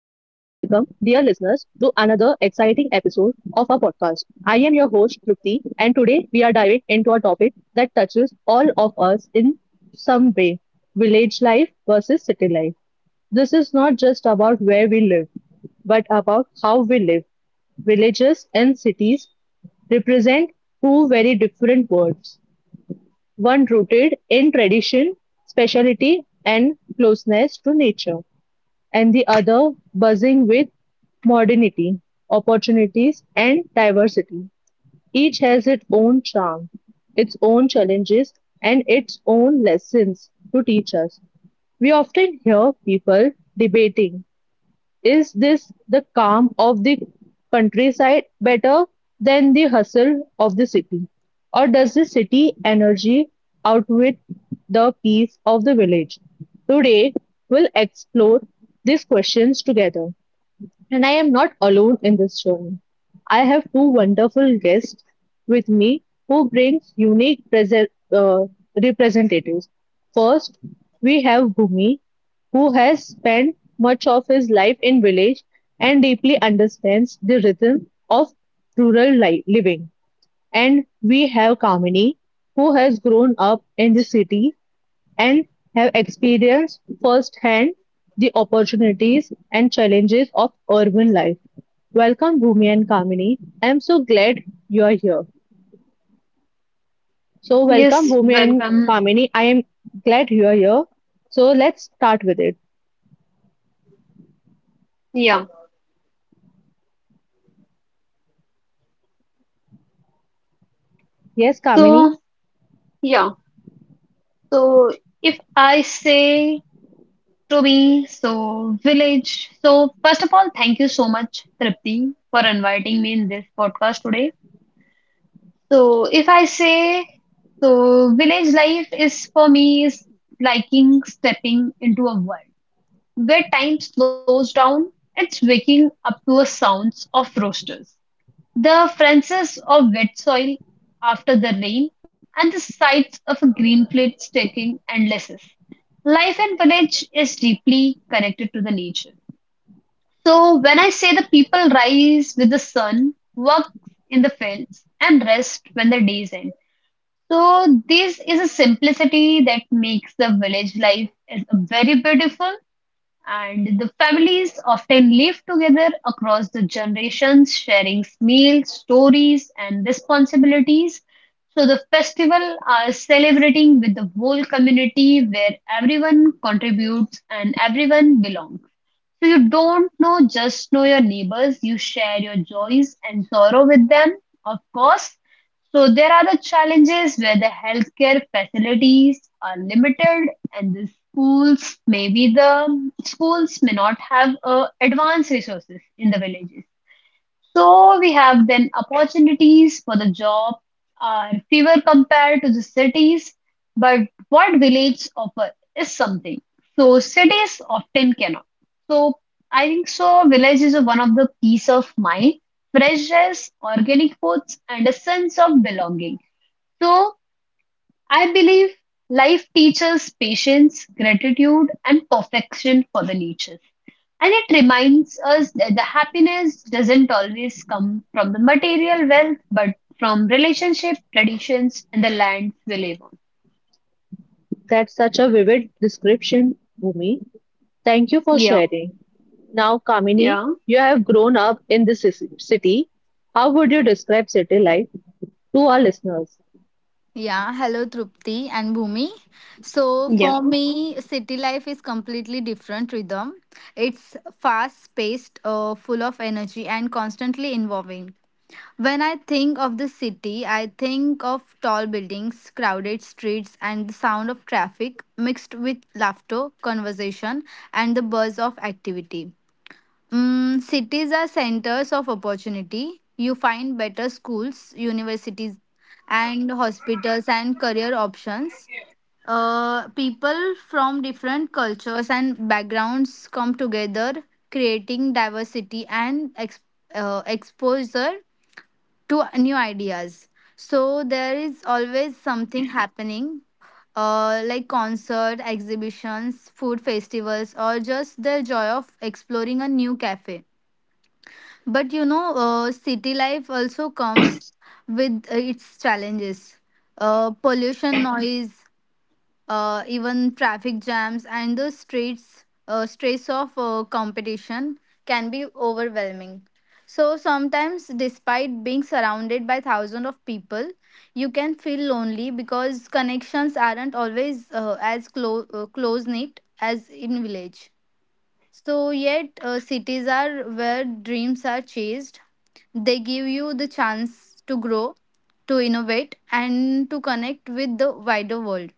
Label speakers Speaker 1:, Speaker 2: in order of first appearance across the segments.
Speaker 1: exciting episode of our podcast. I am your host, Trupti, and today we are diving into a topic that touches all of us in some way village life versus city life. This is not just about where we live, but about how we live. Villages and cities represent two very different worlds one rooted in tradition, speciality and closeness to nature, and the other buzzing with modernity, opportunities and diversity. Each has its own charm, its own challenges and its own lessons to teach us. We often hear people debating is this the calm of the countryside better than the hustle of the city? Or does the city energy outwit the peace of the village? Today, we'll explore these questions together. And I am not alone in this journey. I have two wonderful guests with me who bring unique representatives. First, we have Bhumi, who has spent much of his life in village and deeply understands the rhythm of rural living. And we have Kamini, who has grown up in the city and have experienced firsthand the opportunities and challenges of urban life. Welcome, Bhumi and Kamini. I am so glad you are here. So, welcome,
Speaker 2: Yes,
Speaker 1: Bhumi and
Speaker 2: welcome.
Speaker 1: Kamini. I am glad you are here. So, let's start with it.
Speaker 2: Yeah.
Speaker 1: Yes, Kamini,
Speaker 2: So, yeah. So, if I say to me, so village. So, First of all, thank you so much, Tripti, for inviting me in this podcast today. So, if I say, village life is for me is liking stepping into a world where time slows down. It's waking up to the sounds of roosters, the fences of wet soil after the rain, and the sights of a green field stretching endlesses. Life in village is deeply connected to the nature. So when I say, the people rise with the sun, work in the fields, and rest when the days end. So this is a simplicity that makes the village life is very beautiful, and the families often live together across the generations, sharing meals, stories, and responsibilities. So the festival are celebrating with the whole community where everyone contributes and everyone belongs. So you don't know your neighbors, you share your joys and sorrow with them, of course. So there are the challenges where the healthcare facilities are limited, and the schools maybe the schools may not have advanced resources in the villages, so we have then opportunities for the job are fewer compared to the cities, but what villages offer is something so cities often cannot. So I think, villages are one of the peace of mind, fresh air, organic foods, and a sense of belonging. So I believe life teaches patience, gratitude, and perfection for the nature. And it reminds us that the happiness doesn't always come from the material wealth, but from relationship, traditions, and the lands we live on.
Speaker 1: that's such a vivid description, Bhumi. Thank you for
Speaker 2: Yeah,
Speaker 1: sharing. Now, Kamini,
Speaker 2: yeah,
Speaker 1: you have grown up in this city. How would you describe city life to our listeners?
Speaker 3: Yeah, hello Trupti and Bhumi. So
Speaker 2: yeah.
Speaker 3: for me, city life is completely different rhythm. It's fast-paced, full of energy, and constantly evolving. When I think of the city, I think of tall buildings, crowded streets, and the sound of traffic mixed with laughter, conversation, and the buzz of activity. Cities are centers of opportunity. You find better schools, universities, and hospitals and career options. People from different cultures and backgrounds come together, creating diversity and exposure to new ideas. So there is always something happening, like concert, exhibitions, food festivals, or just the joy of exploring a new cafe. But you know, city life also comes with its challenges. Pollution, noise, even traffic jams, and the streets stress of competition can be overwhelming. So sometimes, despite being surrounded by thousands of people, you can feel lonely because connections aren't always as close knit as in village. So, yet cities are where dreams are chased. They give you the chance to grow, to innovate, and to connect with the wider world.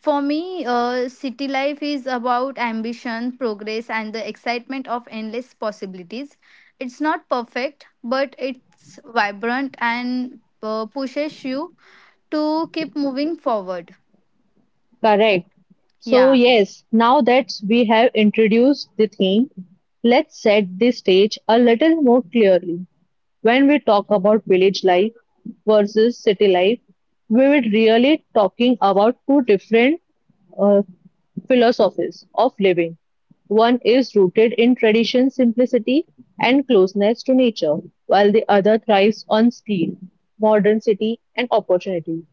Speaker 3: For me, city life is about ambition, progress, and the excitement of endless possibilities. It's not perfect, but it's vibrant and pushes you to keep moving forward.
Speaker 1: Correct. So,
Speaker 3: Yeah.
Speaker 1: yes, now that we have introduced the theme, let's set the stage a little more clearly. When we talk about village life versus city life, we will really talking about two different uh, philosophies of living; one is rooted in tradition, simplicity, and closeness to nature, while the other thrives on speed, modern city, and opportunity.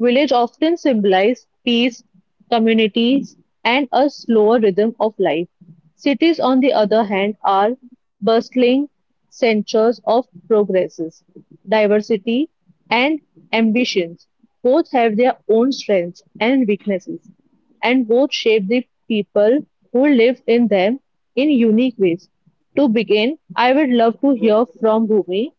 Speaker 1: Village often symbolize peace, communities, and a slower rhythm of life. Cities, on the other hand, are bustling centers of progresses, diversity, and ambitions. Both have their own strengths and weaknesses and both shape the people who live in them in unique ways. To begin, I would love to hear from Bhumi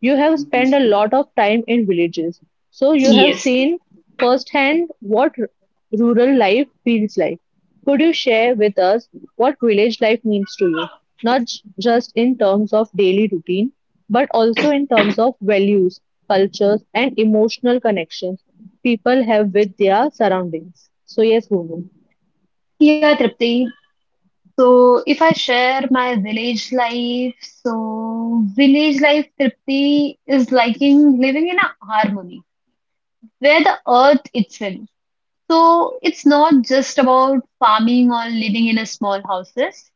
Speaker 1: you have spent a lot of time in villages, so you have
Speaker 2: Yes.
Speaker 1: seen firsthand what rural life feels like. Could you share with us what village life means to you, not just in terms of daily routine, but also in terms of values, cultures, and emotional connections people have with their surroundings? So, yes, Bhumi,
Speaker 2: Yeah, Tripti. So, if I share my village life, so village life, Tripti, is liking living in a harmony where the earth itself. So it's not just about farming or living in a small houses.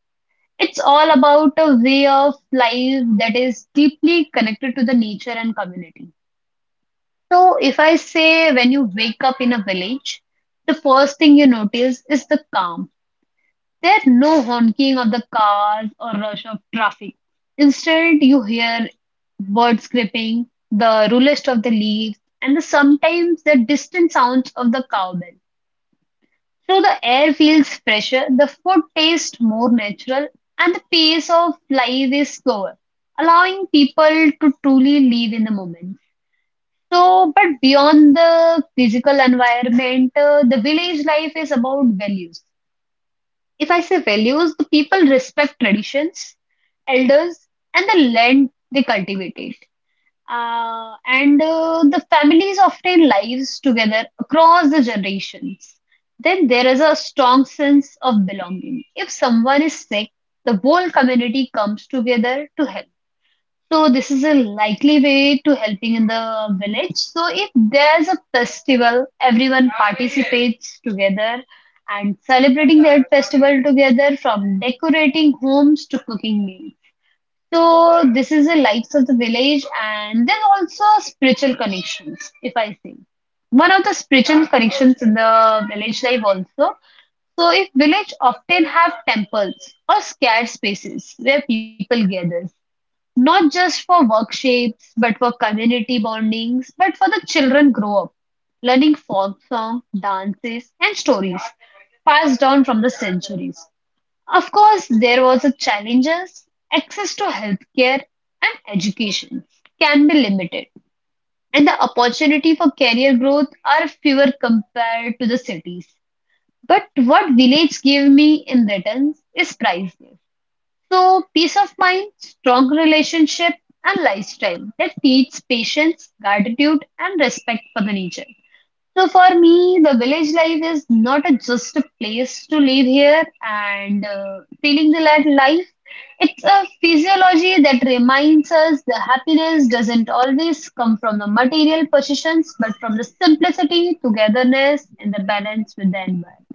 Speaker 2: It's all about a way of life that is deeply connected to the nature and community. So if I say, when you wake up in a village, the first thing you notice is the calm. There's no honking of the cars or rush of traffic. Instead, you hear birds scraping, the rustling of the leaves, and the sometimes the distant sounds of the cowbell. So the air feels fresher, the food tastes more natural, and the pace of life is slower, allowing people to truly live in the moment. So, but beyond the physical environment, the village life is about values. If I say values, the people respect traditions, elders, and the land they cultivate. And the families often lives together across the generations. Then there is a strong sense of belonging. If someone is sick, the whole community comes together to help. So this is a likely way to helping in the village. So if there's a festival, everyone participates together and celebrating that festival together, from decorating homes to cooking meals. So this is the lights of the village, and then also spiritual connections, if I say. One of the spiritual connections in the village life also. So if village often have temples or scarce spaces where people gather, not just for workshops, but for community bondings, but for the children grow up, learning folk song, dances, and stories passed down from the centuries. Of course, there was a challenges. Access to healthcare and education can be limited, and the opportunity for career growth are fewer compared to the cities. But what village gave me in return is priceless. So, peace of mind, strong relationship, and lifestyle that teach patience, gratitude, and respect for the nature. So for me, the village life is not a, just a place to live here and feeling the life. It's a physiology that reminds us the happiness doesn't always come from the material possessions, but from the simplicity, togetherness, and the balance with the environment.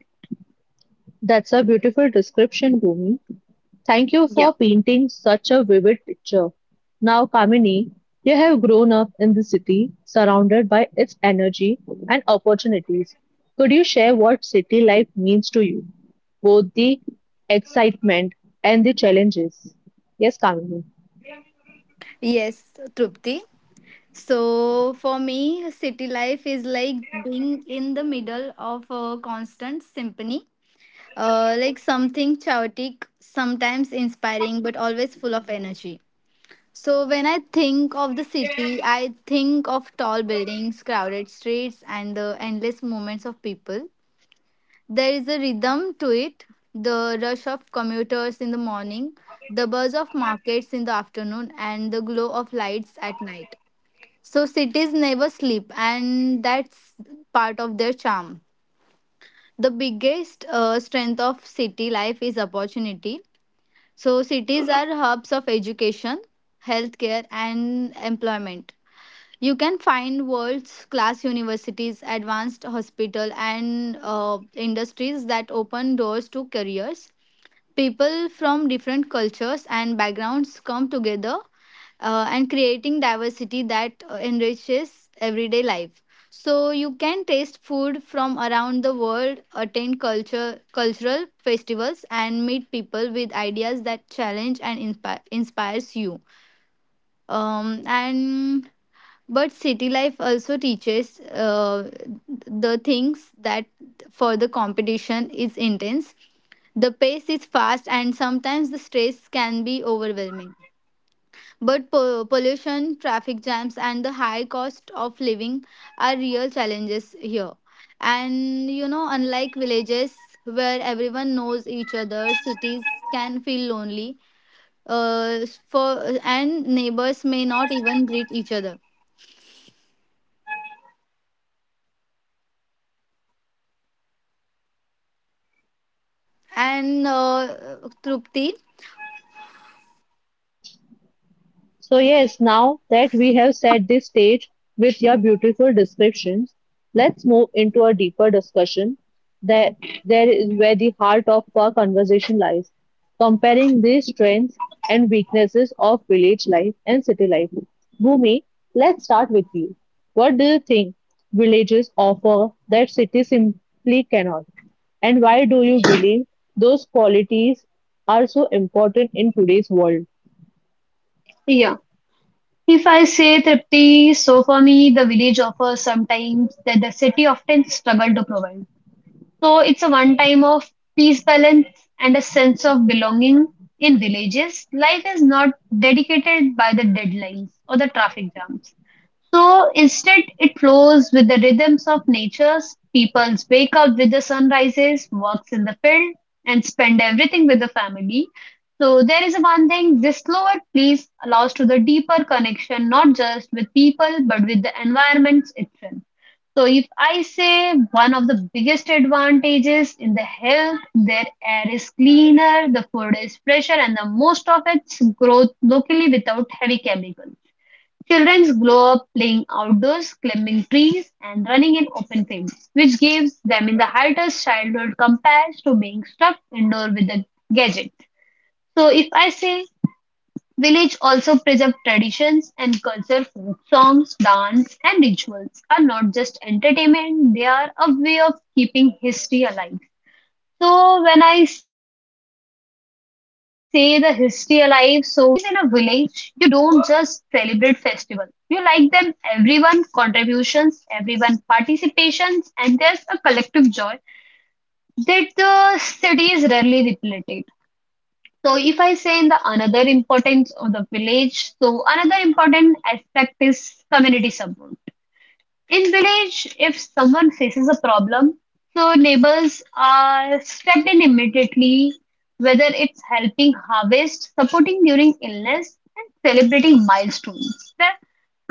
Speaker 1: that's a beautiful description, Bhumi. Thank you
Speaker 2: Yeah,
Speaker 1: for painting such a vivid picture. Now, Kamini, you have grown up in the city, surrounded by its energy and opportunities. Could you share what city life means to you? Both the excitement and the challenges. Yes, Kamini.
Speaker 3: Yes, Trupti. So for me, city life is like being in the middle of a constant symphony, like something chaotic, sometimes inspiring, but always full of energy. So when I think of the city, I think of tall buildings, crowded streets, and the endless movements of people. There is a rhythm to it, the rush of commuters in the morning, the buzz of markets in the afternoon, and the glow of lights at night. So cities never sleep, and that's part of their charm. The biggest strength of city life is opportunity. So cities are hubs of education, healthcare, and employment. You can find world's class universities, advanced hospital, and industries that open doors to careers. People from different cultures and backgrounds come together and creating diversity that enriches everyday life. So you can taste food from around the world, attend culture cultural festivals, and meet people with ideas that challenge and inspires you. And But city life also teaches the things that for the competition is intense. The pace is fast, and sometimes the stress can be overwhelming. But pollution, traffic jams, and the high cost of living are real challenges here. And you know, unlike villages where everyone knows each other, cities can feel lonely. For and neighbors may not even greet each other. And Trupti.
Speaker 1: So, yes, now that we have set this stage with your beautiful descriptions, let's move into a deeper discussion that there is where the heart of our conversation lies, comparing these strengths and weaknesses of village life and city life. Bhumi, let's start with you. What do you think villages offer that cities simply cannot? And why do you believe those qualities are so important in today's world?
Speaker 2: yeah, If I say Tripti, so for me, the village offers sometimes that the city often struggle to provide. So it's a one time of peace balance and a sense of belonging in villages. Life is not dedicated by the deadlines or the traffic jams. So instead, it flows with the rhythms of nature. People wake up with the sunrises, works in the field, and spend everything with the family. So there is one thing, this slower pace allows to the deeper connection, not just with people, but with the environments itself. So if I say, one of the biggest advantages in the health, their air is cleaner, the food is fresher, and the most of its growth locally without heavy chemicals. Children grow up playing outdoors, climbing trees, and running in open fields, which gives them in the hardest childhood compared to being stuck indoor with a gadget. So if I say, village also preserve traditions and culture folk songs, dance and rituals are not just entertainment, they are a way of keeping history alive. So when I say the history alive, so when you live in a village, you don't just celebrate festivals. You like them, everyone contributions, everyone participations, and there's a collective joy that the city is rarely repleted. So if I say in the another importance of the village, so another important aspect is community support. In village, if someone faces a problem, so neighbors are stepped in immediately, whether it's helping harvest, supporting during illness, and celebrating milestones. The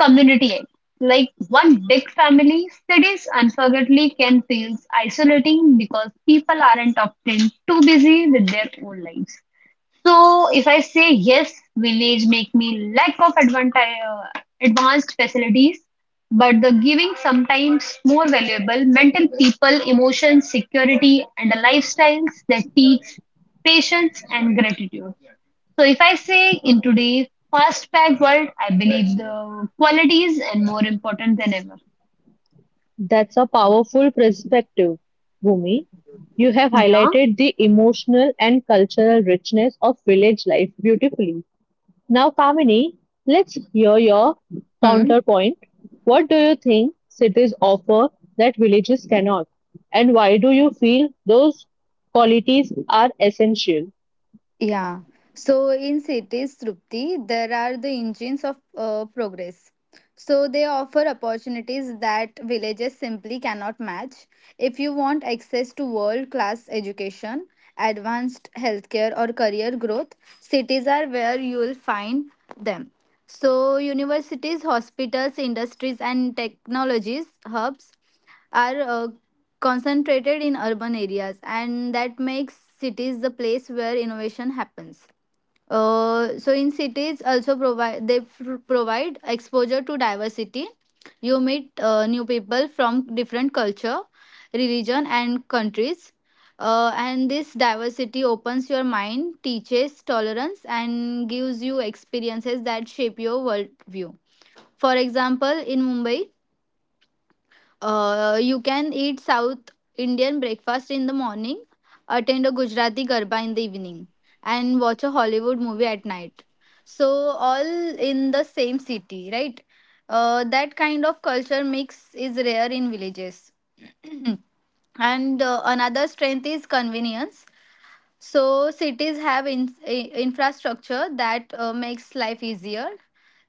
Speaker 2: community act like one big family. Cities unfortunately can feel isolating because people aren't often too busy with their own lives. So if I say yes, village make me lack of advanced facilities, but the giving sometimes more valuable mental people, emotions, security, and the lifestyles that teach patience and gratitude. So if I say, in today's fast-paced world, I believe the qualities and more important than ever.
Speaker 1: That's a powerful perspective, Bhumi. You have
Speaker 2: Yeah.
Speaker 1: highlighted the emotional and cultural richness of village life beautifully. Now, Kamini, let's hear your
Speaker 3: Hmm?
Speaker 1: counterpoint. What do you think cities offer that villages cannot? And why do you feel those qualities are essential?
Speaker 3: Yeah. So in cities, Trupti, there are the engines of progress. So they offer opportunities that villages simply cannot match. If you want access to world-class education, advanced healthcare, or career growth, cities are where you will find them. So universities, hospitals, industries, and technologies hubs are concentrated in urban areas, and that makes cities the place where innovation happens. So in cities also provide provide exposure to diversity. You meet new people from different culture, religion, and countries, and this diversity opens your mind, teaches tolerance, and gives you experiences that shape your worldview. For example, in Mumbai, you can eat South Indian breakfast in the morning, attend a Gujarati Garba in the evening, and watch a Hollywood movie at night. So, all in the same city, right? That kind of culture mix is rare in villages. And another strength is convenience. So cities have infrastructure that makes life easier,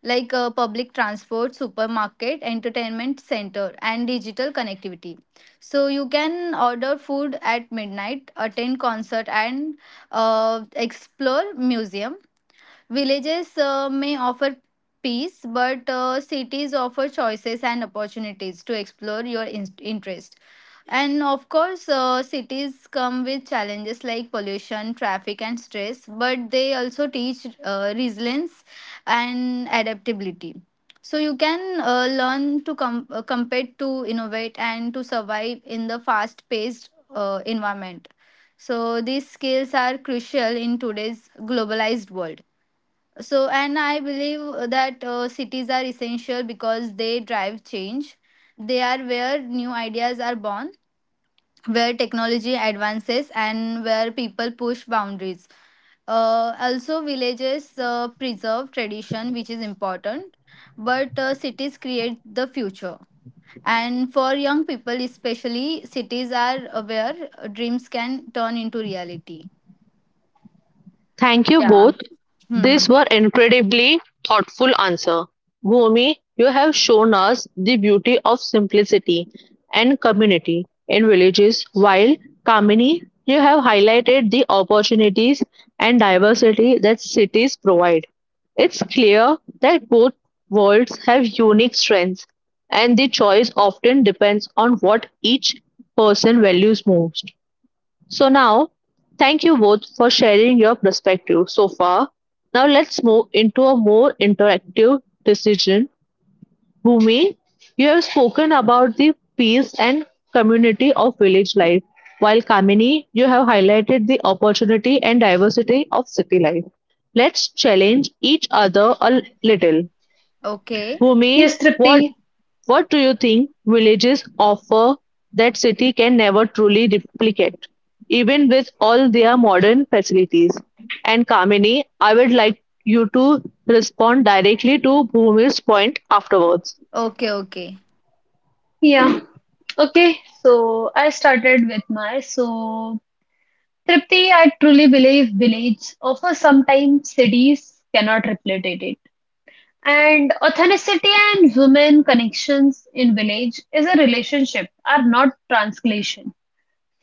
Speaker 3: like public transport, supermarket, entertainment center, and digital connectivity. So you can order food at midnight, attend concert, and explore museum. Villages may offer peace, but cities offer choices and opportunities to explore your interest. And of course, cities come with challenges like pollution, traffic, and stress, but they also teach resilience and adaptability. So you can learn to compete, to innovate, and to survive in the fast paced environment. So these skills are crucial in today's globalized world. So, and I believe that cities are essential because they drive change. They are where new ideas are born, where technology advances, and where people push boundaries. Also, villages preserve tradition, which is important, but cities create the future. And for young people, especially, cities are where dreams can turn into reality.
Speaker 1: Thank you
Speaker 3: Yeah.
Speaker 1: both.
Speaker 3: Hmm.
Speaker 1: These were incredibly thoughtful answers. Bhumi, you have shown us the beauty of simplicity and community in villages, while Kamini, you have highlighted the opportunities and diversity that cities provide. It's clear that both worlds have unique strengths, and the choice often depends on what each person values most. So now, thank you both for sharing your perspective so far. Now let's move into a more interactive decision. Bhumi, you have spoken about the peace and community of village life, while Kamini, you have highlighted the opportunity and diversity of city life. Let's challenge each other a little.
Speaker 3: Okay.
Speaker 1: Bhumi,
Speaker 2: Yes,
Speaker 1: what
Speaker 2: Tripti.
Speaker 1: what do you think villages offer that city can never truly replicate, even with all their modern facilities? And Kamini, I would like you to respond directly to Bhumi's point afterwards.
Speaker 3: Okay. Okay.
Speaker 2: Yeah. Okay. So I started with my so Tripti, I truly believe village offers sometimes cities cannot replicate it. And authenticity and women connections in village is a relationship, are not translation.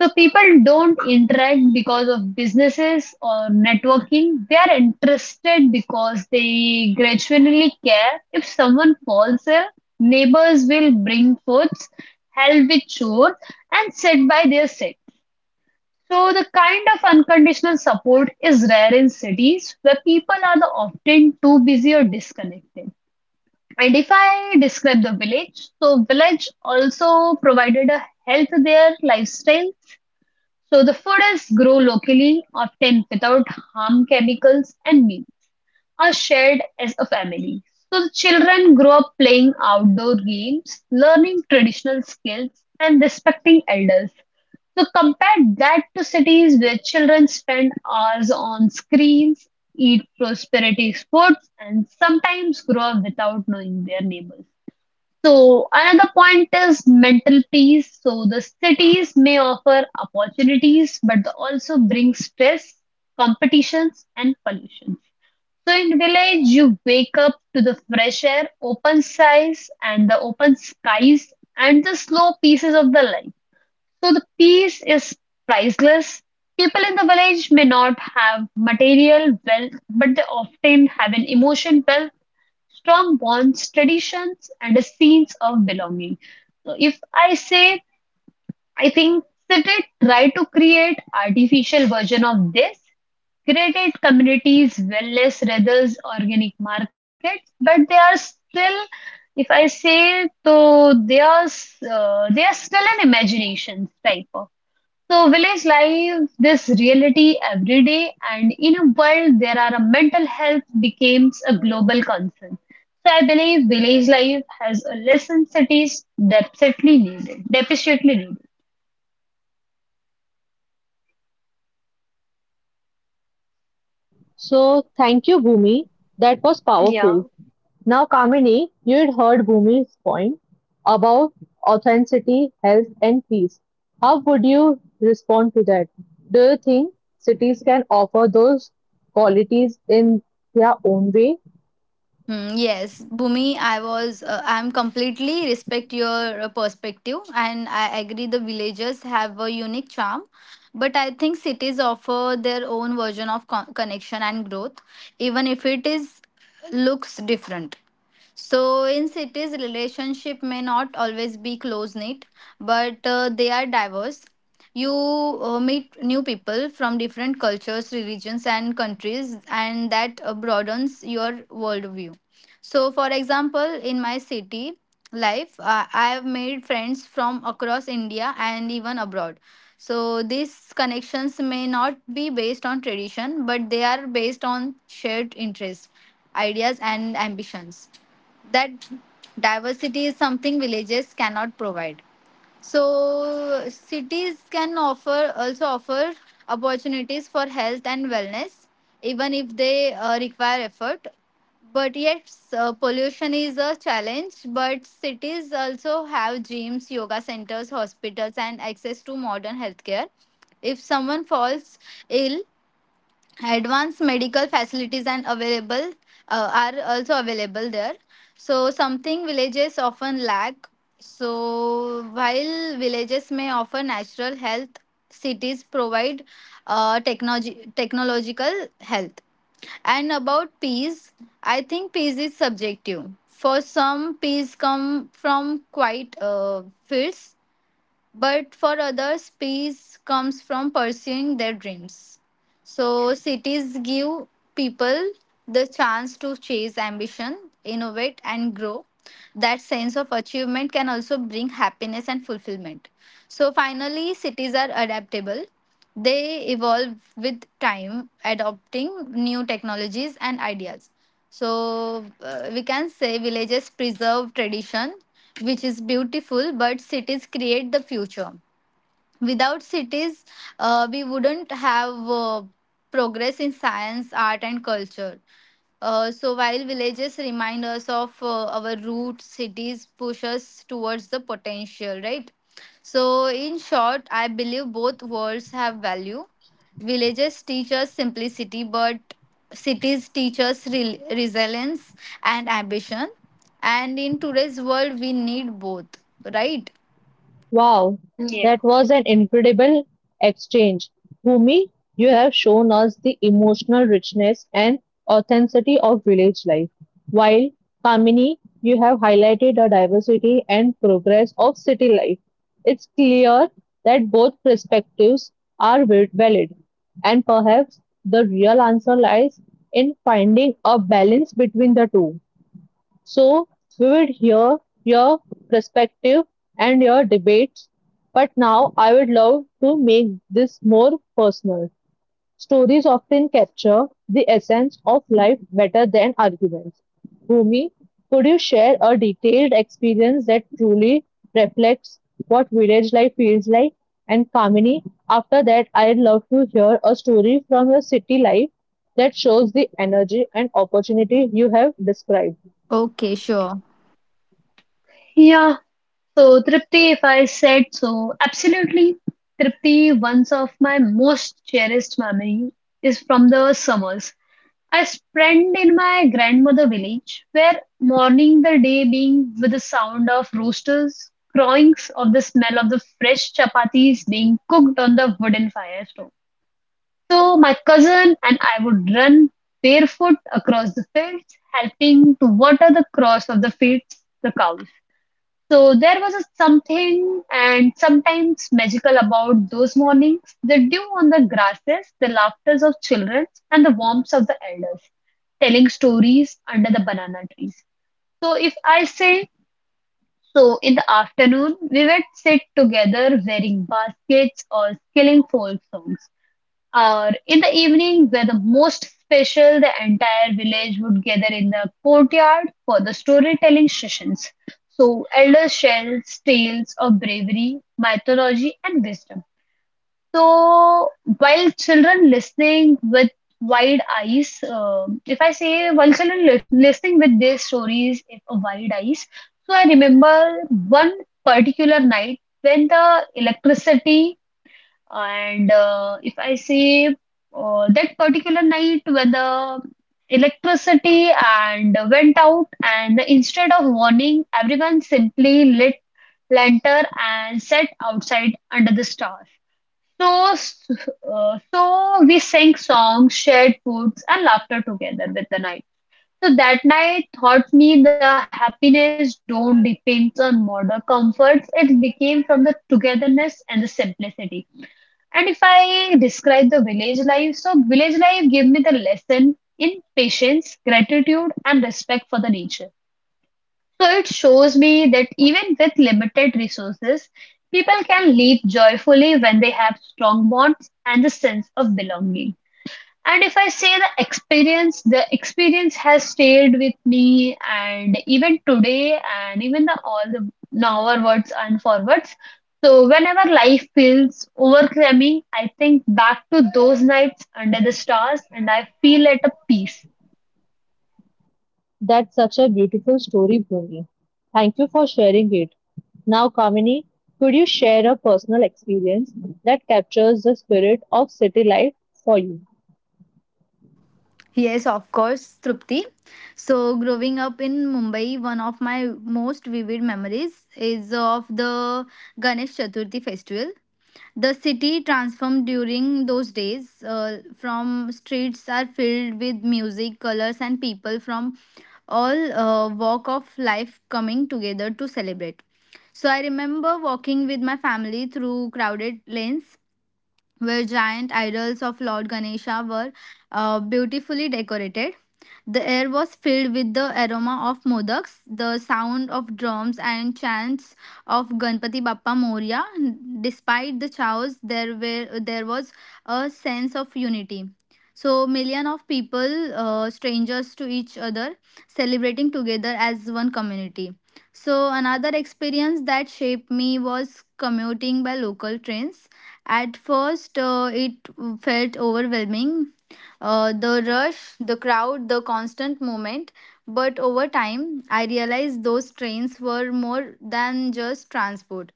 Speaker 2: So people don't interact because of businesses or networking. They are interested because they gradually care. If someone falls ill, neighbors will bring foods, help with chores, and sit by their side. So the kind of unconditional support is rare in cities where people are the often too busy or disconnected. And if I describe the village, so village also provided a health their lifestyle. So the food is grown locally, often without harm chemicals, and meals are shared as a family. So the children grow up playing outdoor games, learning traditional skills, and respecting elders. So compare that to cities where children spend hours on screens, eat prosperity foods, and sometimes grow up without knowing their neighbors. So another point is mental peace. So the cities may offer opportunities, but they also bring stress, competitions, and pollution. So in village, you wake up to the fresh air, open skies, and the slow pieces of the life. So the peace is priceless. People in the village may not have material wealth, but they often have an emotion wealth, strong bonds, traditions, and a sense of belonging. So if I say, I think city try to create artificial version of this. Created communities, wellness, rather organic markets, but they are still, if I say, so they are, they are still an imagination type of. So, village life, this reality every day, and in a world there are a mental health becomes a global concern. So, I believe village life has a lesson cities definitely needed, deficiently needed.
Speaker 1: So, thank you, Bhumi. That was powerful. Now, Kamini, you'd heard Bhumi's point about authenticity, health, and peace. How would you respond to that? Do you think cities can offer those qualities in their own way?
Speaker 3: Hmm, yes, Bhumi, I'm completely respect your perspective, and I agree the villages have a unique charm. But I think cities offer their own version of connection and growth, even if it is looks different. So, in cities, relationship may not always be close knit, but they are diverse. You meet new people from different cultures, religions, and countries, and that broadens your worldview. So, for example, in my city life, I have made friends from across India and even abroad. So, these connections may not be based on tradition, but they are based on shared interests, ideas, and ambitions. That diversity is something villages cannot provide. So cities can offer also offer opportunities for health and wellness, even if they require effort. But yet, pollution is a challenge, but cities also have gyms, yoga centers, hospitals, and access to modern healthcare. If someone falls ill, advanced medical facilities and available are also available there, so something villages often lack. So while villages may offer natural health, cities provide technology technological health. And about peace, I think peace is subjective. For some, peace come from quiet fields, but for others, peace comes from pursuing their dreams. So, cities give people the chance to chase ambition, innovate, and grow. That sense of achievement can also bring happiness and fulfillment. So, finally, cities are adaptable. They evolve with time, adopting new technologies and ideas. So, we can say villages preserve tradition, which is beautiful, but cities create the future. Without cities, we wouldn't have progress in science, art, and culture. So while villages remind us of our roots, cities push us towards the potential, right? So, in short, I believe both worlds have value. Villages teach us simplicity, but cities teach us resilience and ambition. And in today's world, we need both, right?
Speaker 1: Wow,
Speaker 2: Yeah.
Speaker 1: that was an incredible exchange. Bhumi, you have shown us the emotional richness and authenticity of village life, while Kamini, you have highlighted the diversity and progress of city life. It's clear that both perspectives are valid, and perhaps the real answer lies in finding a balance between the two. So we would hear your perspective and your debates, but now I would love to make this more personal. Stories often capture the essence of life better than arguments. Bhumi, could you share a detailed experience that truly reflects what village life feels like? And Kamini, after that, I'd love to hear a story from your city life that shows the energy and opportunity you have described.
Speaker 3: Okay, sure.
Speaker 2: Yeah, so, Tripti, if I said so, absolutely. Tripti, one of my most cherished memory is from the summers. I spent in my grandmother village, where morning the day being with the sound of roosters crowing or the smell of the fresh chapatis being cooked on the wooden fire stove. So my cousin and I would run barefoot across the fields, helping to water the crops of the fields, the cows. So there was a something and sometimes magical about those mornings, the dew on the grasses, the laughters of children, and the warmth of the elders telling stories under the banana trees. So if I say, so in the afternoon, we would sit together wearing baskets or skilling folk songs. Or in the evening were the most special, the entire village would gather in the courtyard for the storytelling sessions. So elders share tales of bravery, mythology, and wisdom. So while children listening with wide eyes. If I say while children listening with their stories with a wide eyes, so I remember one particular night when the electricity and if I say that particular night when the electricity and went out, and instead of warning, everyone simply lit lantern and sat outside under the stars. So, s- so we sang songs, shared foods, and laughter together with the night. So that night taught me the happiness don't depend on modern comforts. It became from the togetherness and the simplicity. And if I describe the village life, so village life gave me the lesson in patience, gratitude, and respect for the nature. So it shows me that even with limited resources, people can live joyfully when they have strong bonds and a sense of belonging. And if I say the experience has stayed with me and even today and even the all the forwards and forwards. So whenever life feels overwhelming, I think back to those nights under the stars and I feel at a peace.
Speaker 1: That's such a beautiful story, Bhumi. Thank you for sharing it. Now, Kamini, could you share a personal experience that captures the spirit of city life for you?
Speaker 3: Yes, of course, Trupti. So, growing up in Mumbai, one of my most vivid memories is of the Ganesh Chaturthi festival. The city transformed during those days. From streets are filled with music, colors, and people from all walk of life coming together to celebrate. So I remember walking with my family through crowded lanes where giant idols of Lord Ganesha were beautifully decorated. The air was filled with the aroma of modaks, the sound of drums, and chants of Ganpati Bappa Moria. Despite the chaos, there was a sense of unity. So million of people, strangers to each other, celebrating together as one community. So another experience that shaped me was commuting by local trains. At first, it felt overwhelming, the rush, the crowd, the constant movement. But over time, I realized those trains were more than just transport.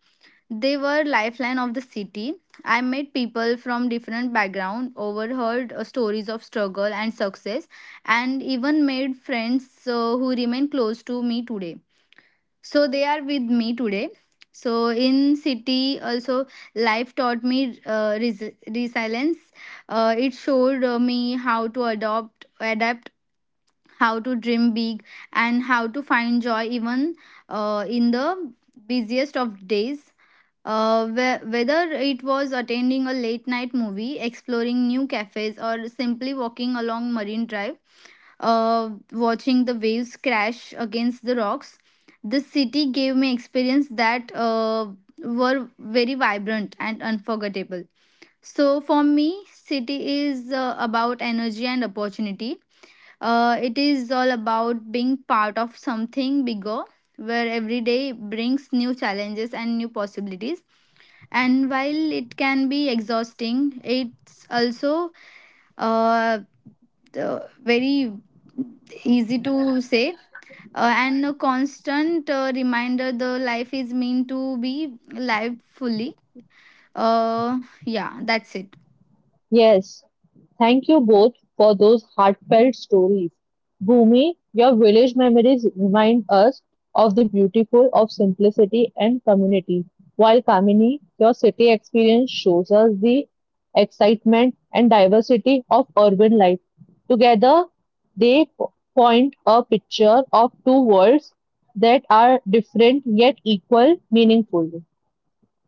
Speaker 3: They were lifeline of the city. I met people from different background, overheard stories of struggle and success, and even made friends who remain close to me today, so they are with me today. So in city also, life taught me resilience. It showed me how to adopt adapt, how to dream big, and how to find joy even in the busiest of days. Whether it was attending a late night movie, exploring new cafes, or simply walking along Marine Drive, watching the waves crash against the rocks. The city gave me experience that were very vibrant and unforgettable. So for me, city is about energy and opportunity. It is all about being part of something bigger, where every day brings new challenges and new possibilities. And while it can be exhausting, it's also uh, very easy to say, and a constant reminder the life is meant to be lived fully. uh, yeah, that's it.
Speaker 1: Yes, thank you both for those heartfelt stories. Bhumi, your village memories remind us of the beautiful of simplicity and community, while Kamini, your city experience shows us the excitement and diversity of urban life. Together, they point a picture of two worlds that are different yet equal meaningful.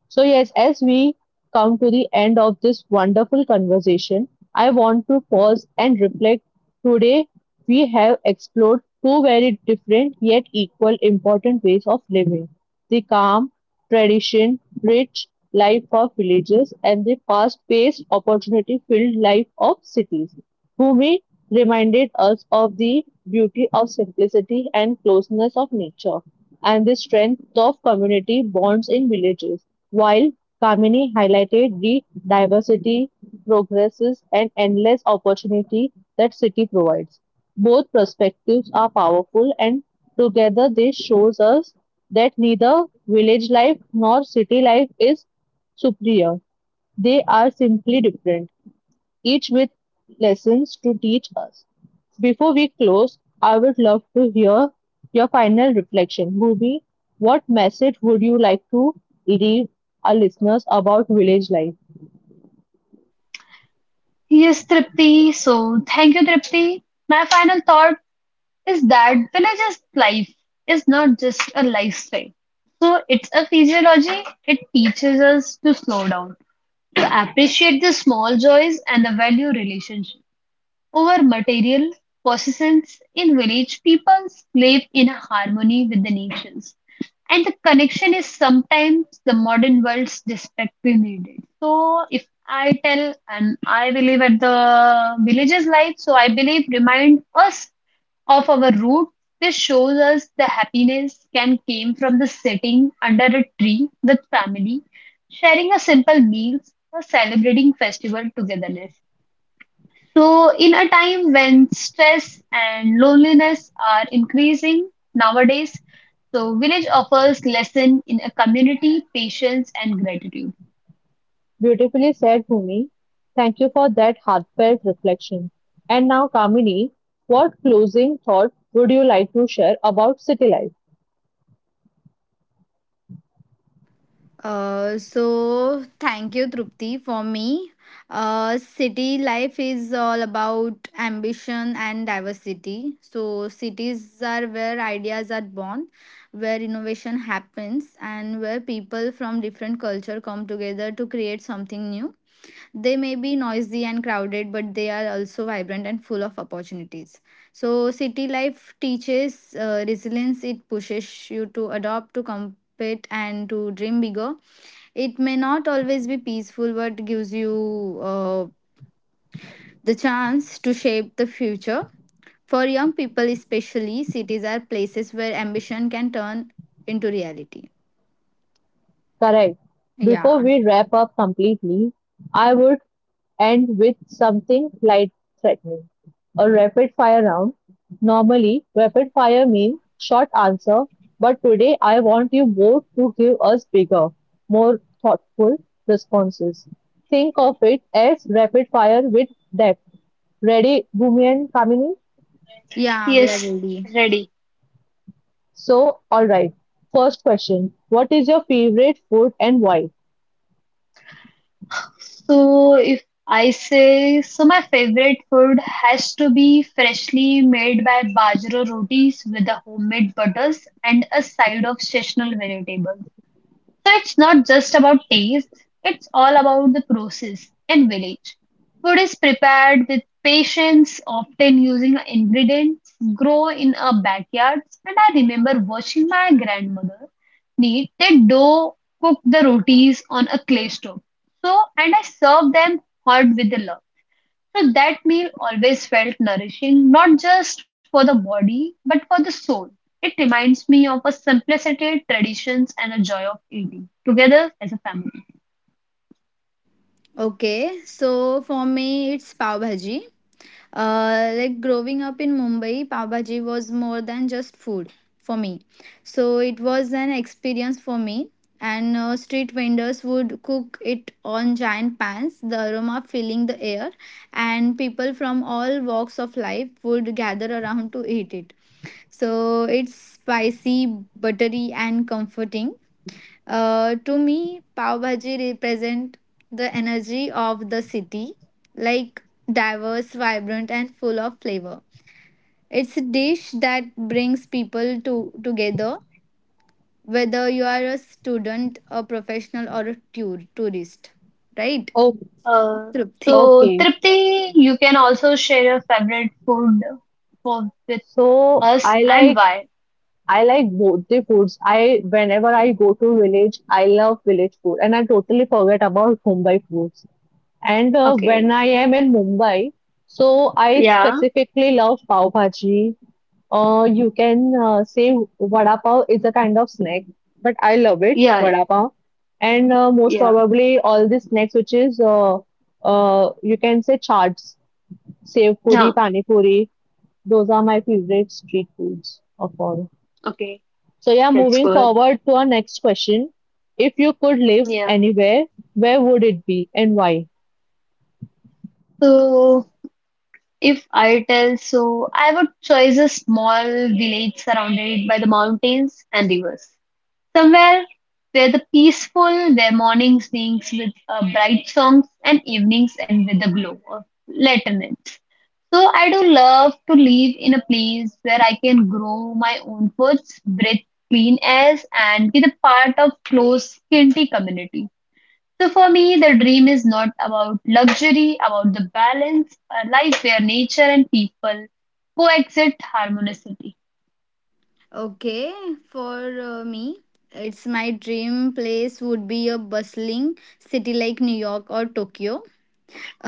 Speaker 1: So, yes, as we come to the end of this wonderful conversation, I want to pause and reflect. Today, we have explored two very different yet equal important ways of living the calm, tradition, rich life of villages, and the fast paced, opportunity filled life of cities. Homi reminded us of the beauty of simplicity and closeness of nature, and the strength of community bonds in villages, while Kamini highlighted the diversity, progresses, and endless opportunity that city provides. Both perspectives are powerful, and together they shows us that neither village life nor city life is superior. They are simply different each with lessons to teach us. Before we close, I would love to hear your final reflection. Bhubi, what message would you like to leave our listeners about village life?
Speaker 2: Yes, Tripti. So thank you, Tripti. My final thought is that villages life is not just a lifestyle, so it's a physiology. It teaches us to slow down, to appreciate the small joys and the value relationship over material possessions. In village, people live in harmony with the natures, and the connection is sometimes the modern world's desperately needed. So if I tell and I believe at the villages life, so I believe remind us of our root. This shows us the happiness can came from the sitting under a tree with family, sharing a simple meals, or celebrating festival togetherness. So, in a time when stress and loneliness are increasing nowadays, so village offers lesson in a community, patience, and gratitude.
Speaker 1: Beautifully said, Bhumi. Thank you for that heartfelt reflection. And now, Kamini, what closing thought would you like to share about city life?
Speaker 3: So thank you, Trupti. For me, city life is all about ambition and diversity. So cities are where ideas are born, where innovation happens, and where people from different culture come together to create something new. They may be noisy and crowded, but they are also vibrant and full of opportunities. So, city life teaches resilience. It pushes you to adopt, to compete, and to dream bigger. It may not always be peaceful, but gives you the chance to shape the future. For young people, especially, cities are places where ambition can turn into reality.
Speaker 1: Correct. Before
Speaker 3: Yeah,
Speaker 1: we wrap up completely, I would end with something light threatening. A rapid fire round. Normally, rapid fire means short answer, but today I want you both to give us bigger, more thoughtful responses. Think of it as rapid fire with depth. Ready, Bhumi and Kamini?
Speaker 3: yeah, we are
Speaker 2: Yes,
Speaker 3: ready.
Speaker 2: ready.
Speaker 1: So, alright. First question What is your favorite food and why?
Speaker 2: So if I say, so my favorite food has to be freshly made by bajra rotis with the homemade butters and a side of seasonal vegetable. So it's not just about taste, it's all about the process in village. Food is prepared with patience, often using ingredients grow in our backyards. And I remember watching my grandmother knead the dough, cook the rotis on a clay stove. So, and I serve them hot with the love. So that meal always felt nourishing, not just for the body, but for the soul. It reminds me of a simplicity, traditions, and a joy of eating together as a family.
Speaker 3: Okay, so for me, it's pav bhaji. Like growing up in Mumbai, pav bhaji was more than just food for me. So it was an experience for me. And street vendors would cook it on giant pans, the aroma filling the air, and people from all walks of life would gather around to eat it. So it's spicy, buttery, and comforting. To me, pav bhaji represent the energy of the city, like diverse, vibrant, and full of flavor. It's a dish that brings people to together, whether you are a student, a professional, or a tourist, right?
Speaker 1: Oh,
Speaker 2: Uh,
Speaker 3: Trupti.
Speaker 2: so,
Speaker 1: okay.
Speaker 2: Tripti, you can also share your favorite food for, with
Speaker 1: So
Speaker 2: us
Speaker 1: I
Speaker 2: and
Speaker 1: like
Speaker 2: why.
Speaker 1: I like both the foods. I whenever I go to village, I love village food, and I totally forget about Mumbai foods. And when
Speaker 2: Okay.
Speaker 1: I am in Mumbai, so I
Speaker 2: Yeah.
Speaker 1: specifically love pav bhaji. You can say vada pav is a kind of snack, but I love it
Speaker 2: Yeah.
Speaker 1: vada pav. And most
Speaker 2: Yeah.
Speaker 1: probably all the snacks, which is you can say chaats, sev puri,
Speaker 2: Yeah.
Speaker 1: pani puri. Those are my favorite street foods of all.
Speaker 2: Okay.
Speaker 1: So yeah,
Speaker 2: That's
Speaker 1: moving
Speaker 2: good.
Speaker 1: forward to our next question. If you could live
Speaker 2: Yeah.
Speaker 1: anywhere, where would it be and why?
Speaker 2: So, if I tell so, I would choose a small village surrounded by the mountains and rivers. Somewhere where the peaceful, where mornings begins with bright songs and evenings end with the glow of lanterns. So I do love to live in a place where I can grow my own foods, breathe clean air, and be the part of close, kinty community. So for me, the dream is not about luxury, about the balance, a life where nature and people coexist harmoniously.
Speaker 3: Okay, for me, it's my dream place would be a bustling city like New York or Tokyo.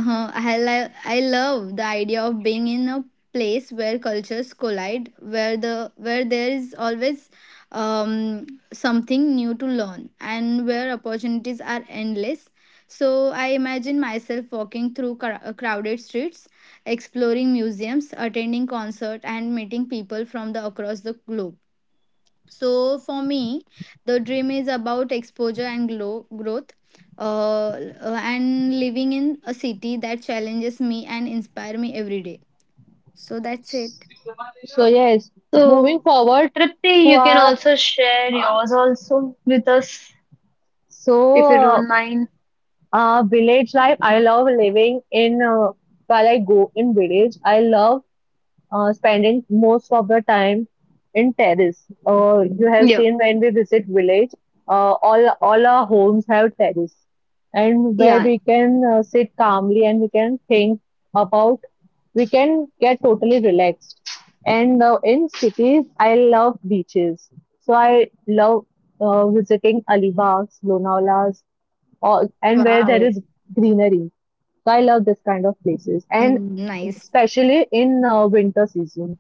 Speaker 3: I love the idea of being in a place where cultures collide, where there is always um, something new to learn, and where opportunities are endless. So I imagine myself walking through crowded streets, exploring museums, attending concert, and meeting people from the across the globe. So for me, the dream is about exposure and growth, and living in a city that challenges me and inspire me every day. So that's it.
Speaker 1: So yes, moving
Speaker 2: So
Speaker 1: forward
Speaker 2: Tripti,
Speaker 1: to
Speaker 2: you can
Speaker 1: our
Speaker 2: also share yours also with us
Speaker 1: so
Speaker 2: if you don't mind.
Speaker 1: village life. I love living in while I go in village. I love spending most of the time in terrace. You have
Speaker 2: Yeah.
Speaker 1: seen when we visit village, all our homes have terrace, and where
Speaker 2: Yeah,
Speaker 1: we can sit calmly and we can think about, we can get totally relaxed. And in cities, I love beaches, so I love visiting Alibags, Lonawala's, or and where there
Speaker 3: Wow.
Speaker 1: is greenery. So I love this kind of places. And
Speaker 3: Mm, nice.
Speaker 1: especially in winter season.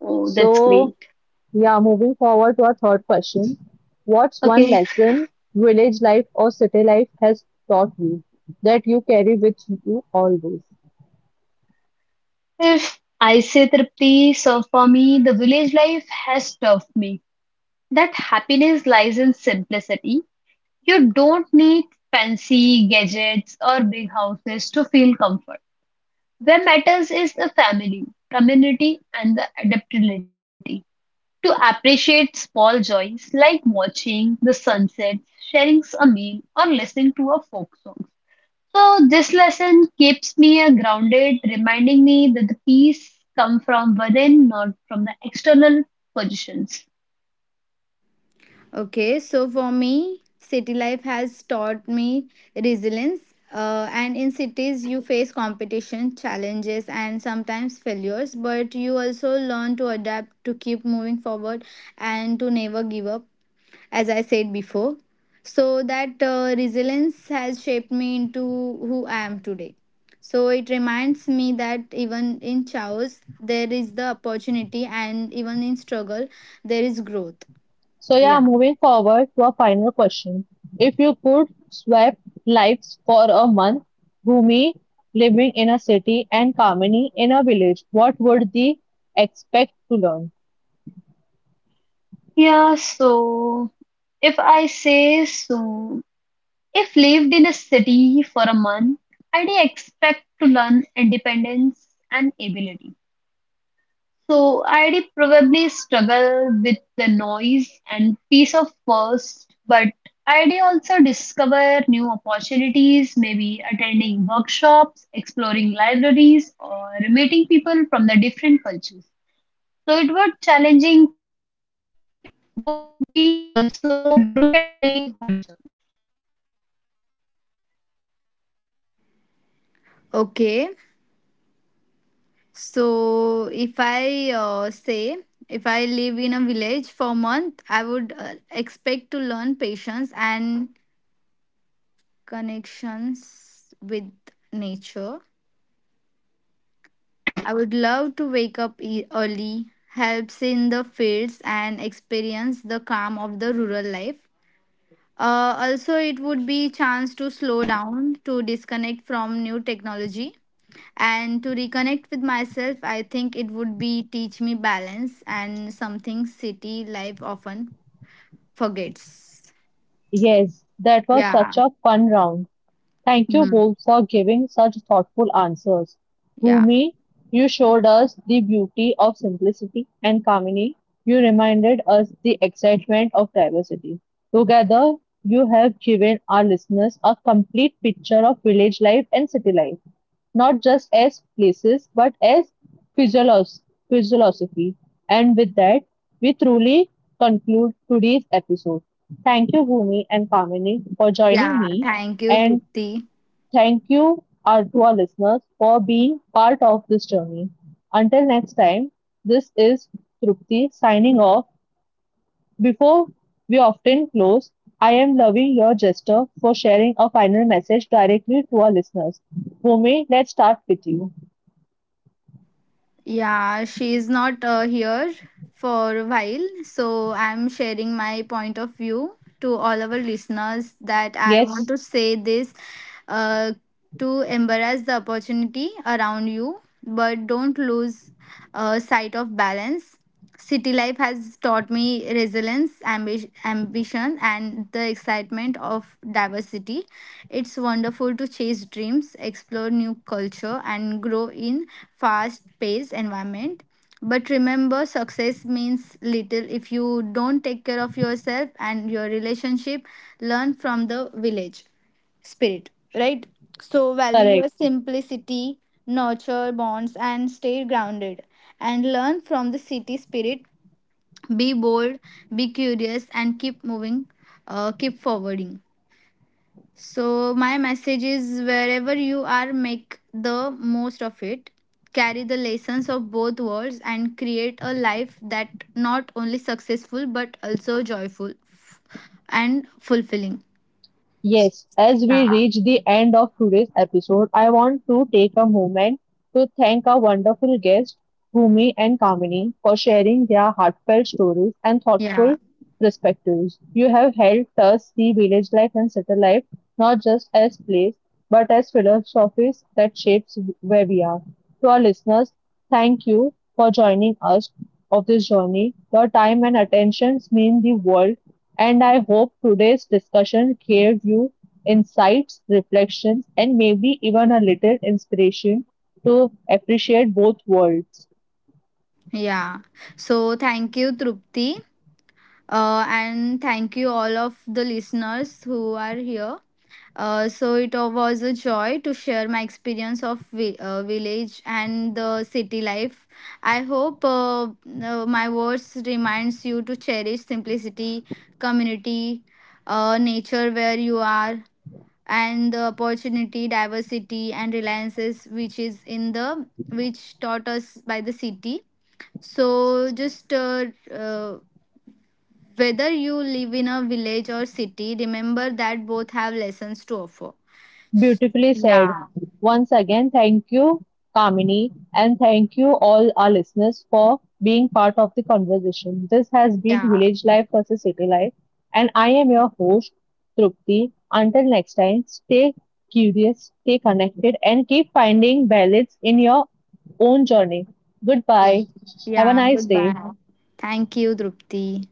Speaker 2: oh, that's
Speaker 1: So,
Speaker 2: great.
Speaker 1: yeah, moving forward to our third question. What's one
Speaker 2: Okay,
Speaker 1: lesson village life or city life has taught you that you carry with you always?
Speaker 2: if I say Tripti, so for me, the village life has taught me that happiness lies in simplicity. You don't need fancy gadgets or big houses to feel comfort. Where matters is the family, community, and the adaptability to appreciate small joys like watching the sunset, sharing a meal, or listening to a folk song. So this lesson keeps me grounded, reminding me that the peace come from within, not from the external positions.
Speaker 3: Okay. So for me, city life has taught me resilience. And in cities, you face competition, challenges, and sometimes failures, but you also learn to adapt, to keep moving forward, and to never give up. As I said before. So that resilience has shaped me into who I am today. So it reminds me that even in chaos, there is the opportunity, and even in struggle, there is growth.
Speaker 1: So, yeah, moving forward to our final question. If you could swap lives for a month, Bhumi living in a city and Kamini in a village, what would they expect to learn?
Speaker 2: Yeah, so if I say so, if lived in a city for a month, I'd expect to learn independence and ability. So I'd probably struggle with the noise and peace of first, but I'd also discover new opportunities, maybe attending workshops, exploring libraries, or meeting people from the different cultures. So it was challenging for me, but it would be also broadened me horizon.
Speaker 3: Okay, so if I say, if I live in a village for a month, I would expect to learn patience and connections with nature. I would love to wake up early, helps in the fields and experience the calm of the rural life. Also, it would be chance to slow down, to disconnect from new technology, and to reconnect with myself. I think it would be teach me balance and something city life often forgets.
Speaker 1: Yes, that was
Speaker 3: Yeah.
Speaker 1: such a fun round. Thank you
Speaker 3: Hmm.
Speaker 1: both for giving such thoughtful answers.
Speaker 3: Yeah.
Speaker 1: Bhumi, you showed us the beauty of simplicity, and Kamini, you reminded us the excitement of diversity. Together, you have given our listeners a complete picture of village life and city life, not just as places but as physiology, physiology. And with that, we truly conclude today's episode. Thank you, Bhumi and Kamini, for joining
Speaker 3: Yeah.
Speaker 1: me
Speaker 3: Thank you,
Speaker 1: and
Speaker 3: Trupti.
Speaker 1: Thank you are to our listeners for being part of this journey. Until next time, this is Trupti signing off. Before we often close, I am loving your gesture for sharing a final message directly to our listeners. Bhumi, let's start with you.
Speaker 3: Yeah, she's not here for a while, so I'm sharing my point of view to all our listeners that I want
Speaker 1: Yes,
Speaker 3: to say this uh, to embrace the opportunity around you, but don't lose sight of balance. City life has taught me resilience, ambition, and the excitement of diversity. It's wonderful to chase dreams, explore new culture, and grow in fast paced environment. But remember, success means little if you don't take care of yourself and your relationship. Learn from the village spirit, right? So, value
Speaker 1: correct.
Speaker 3: your simplicity, nurture bonds, and stay grounded. And learn from the city spirit. Be bold, be curious, and keep moving, keep forwarding. So, my message is wherever you are, make the most of it. Carry the lessons of both worlds and create a life that not only successful but also joyful and fulfilling.
Speaker 1: Yes, as we
Speaker 3: Yeah.
Speaker 1: reach the end of today's episode, I want to take a moment to thank our wonderful guests, Bhumi and Kamini, for sharing their heartfelt stories and
Speaker 3: Yeah.
Speaker 1: thoughtful perspectives. You have helped us see village life and city life not just as plays, but as philosophies that shapes where we are. To our listeners, thank you for joining us of this journey. Your time and attentions mean the world, and I hope today's discussion gave you insights, reflections, and maybe even a little inspiration to appreciate both worlds.
Speaker 3: Yeah. So, thank you, Trupti. And thank you, all of the listeners who are here. So it was a joy to share my experience of village and the city life. I hope my words reminds you to cherish simplicity, community, nature where you are, and the opportunity, diversity, and reliances which is in the which taught us by the city. So just uh, whether you live in a village or city, remember that both have lessons to offer.
Speaker 1: Beautifully said.
Speaker 3: Yeah.
Speaker 1: Once again, thank you, Kamini, and thank you all our listeners for being part of the conversation. This has been
Speaker 3: Yeah,
Speaker 1: Village Life versus City Life, and I am your host, Trupti. Until next time, stay curious, stay connected, and keep finding balance in your own journey.
Speaker 3: yeah,
Speaker 1: Goodbye. Have a
Speaker 3: yeah.
Speaker 1: nice day.
Speaker 3: Goodbye. Thank you, Drupti.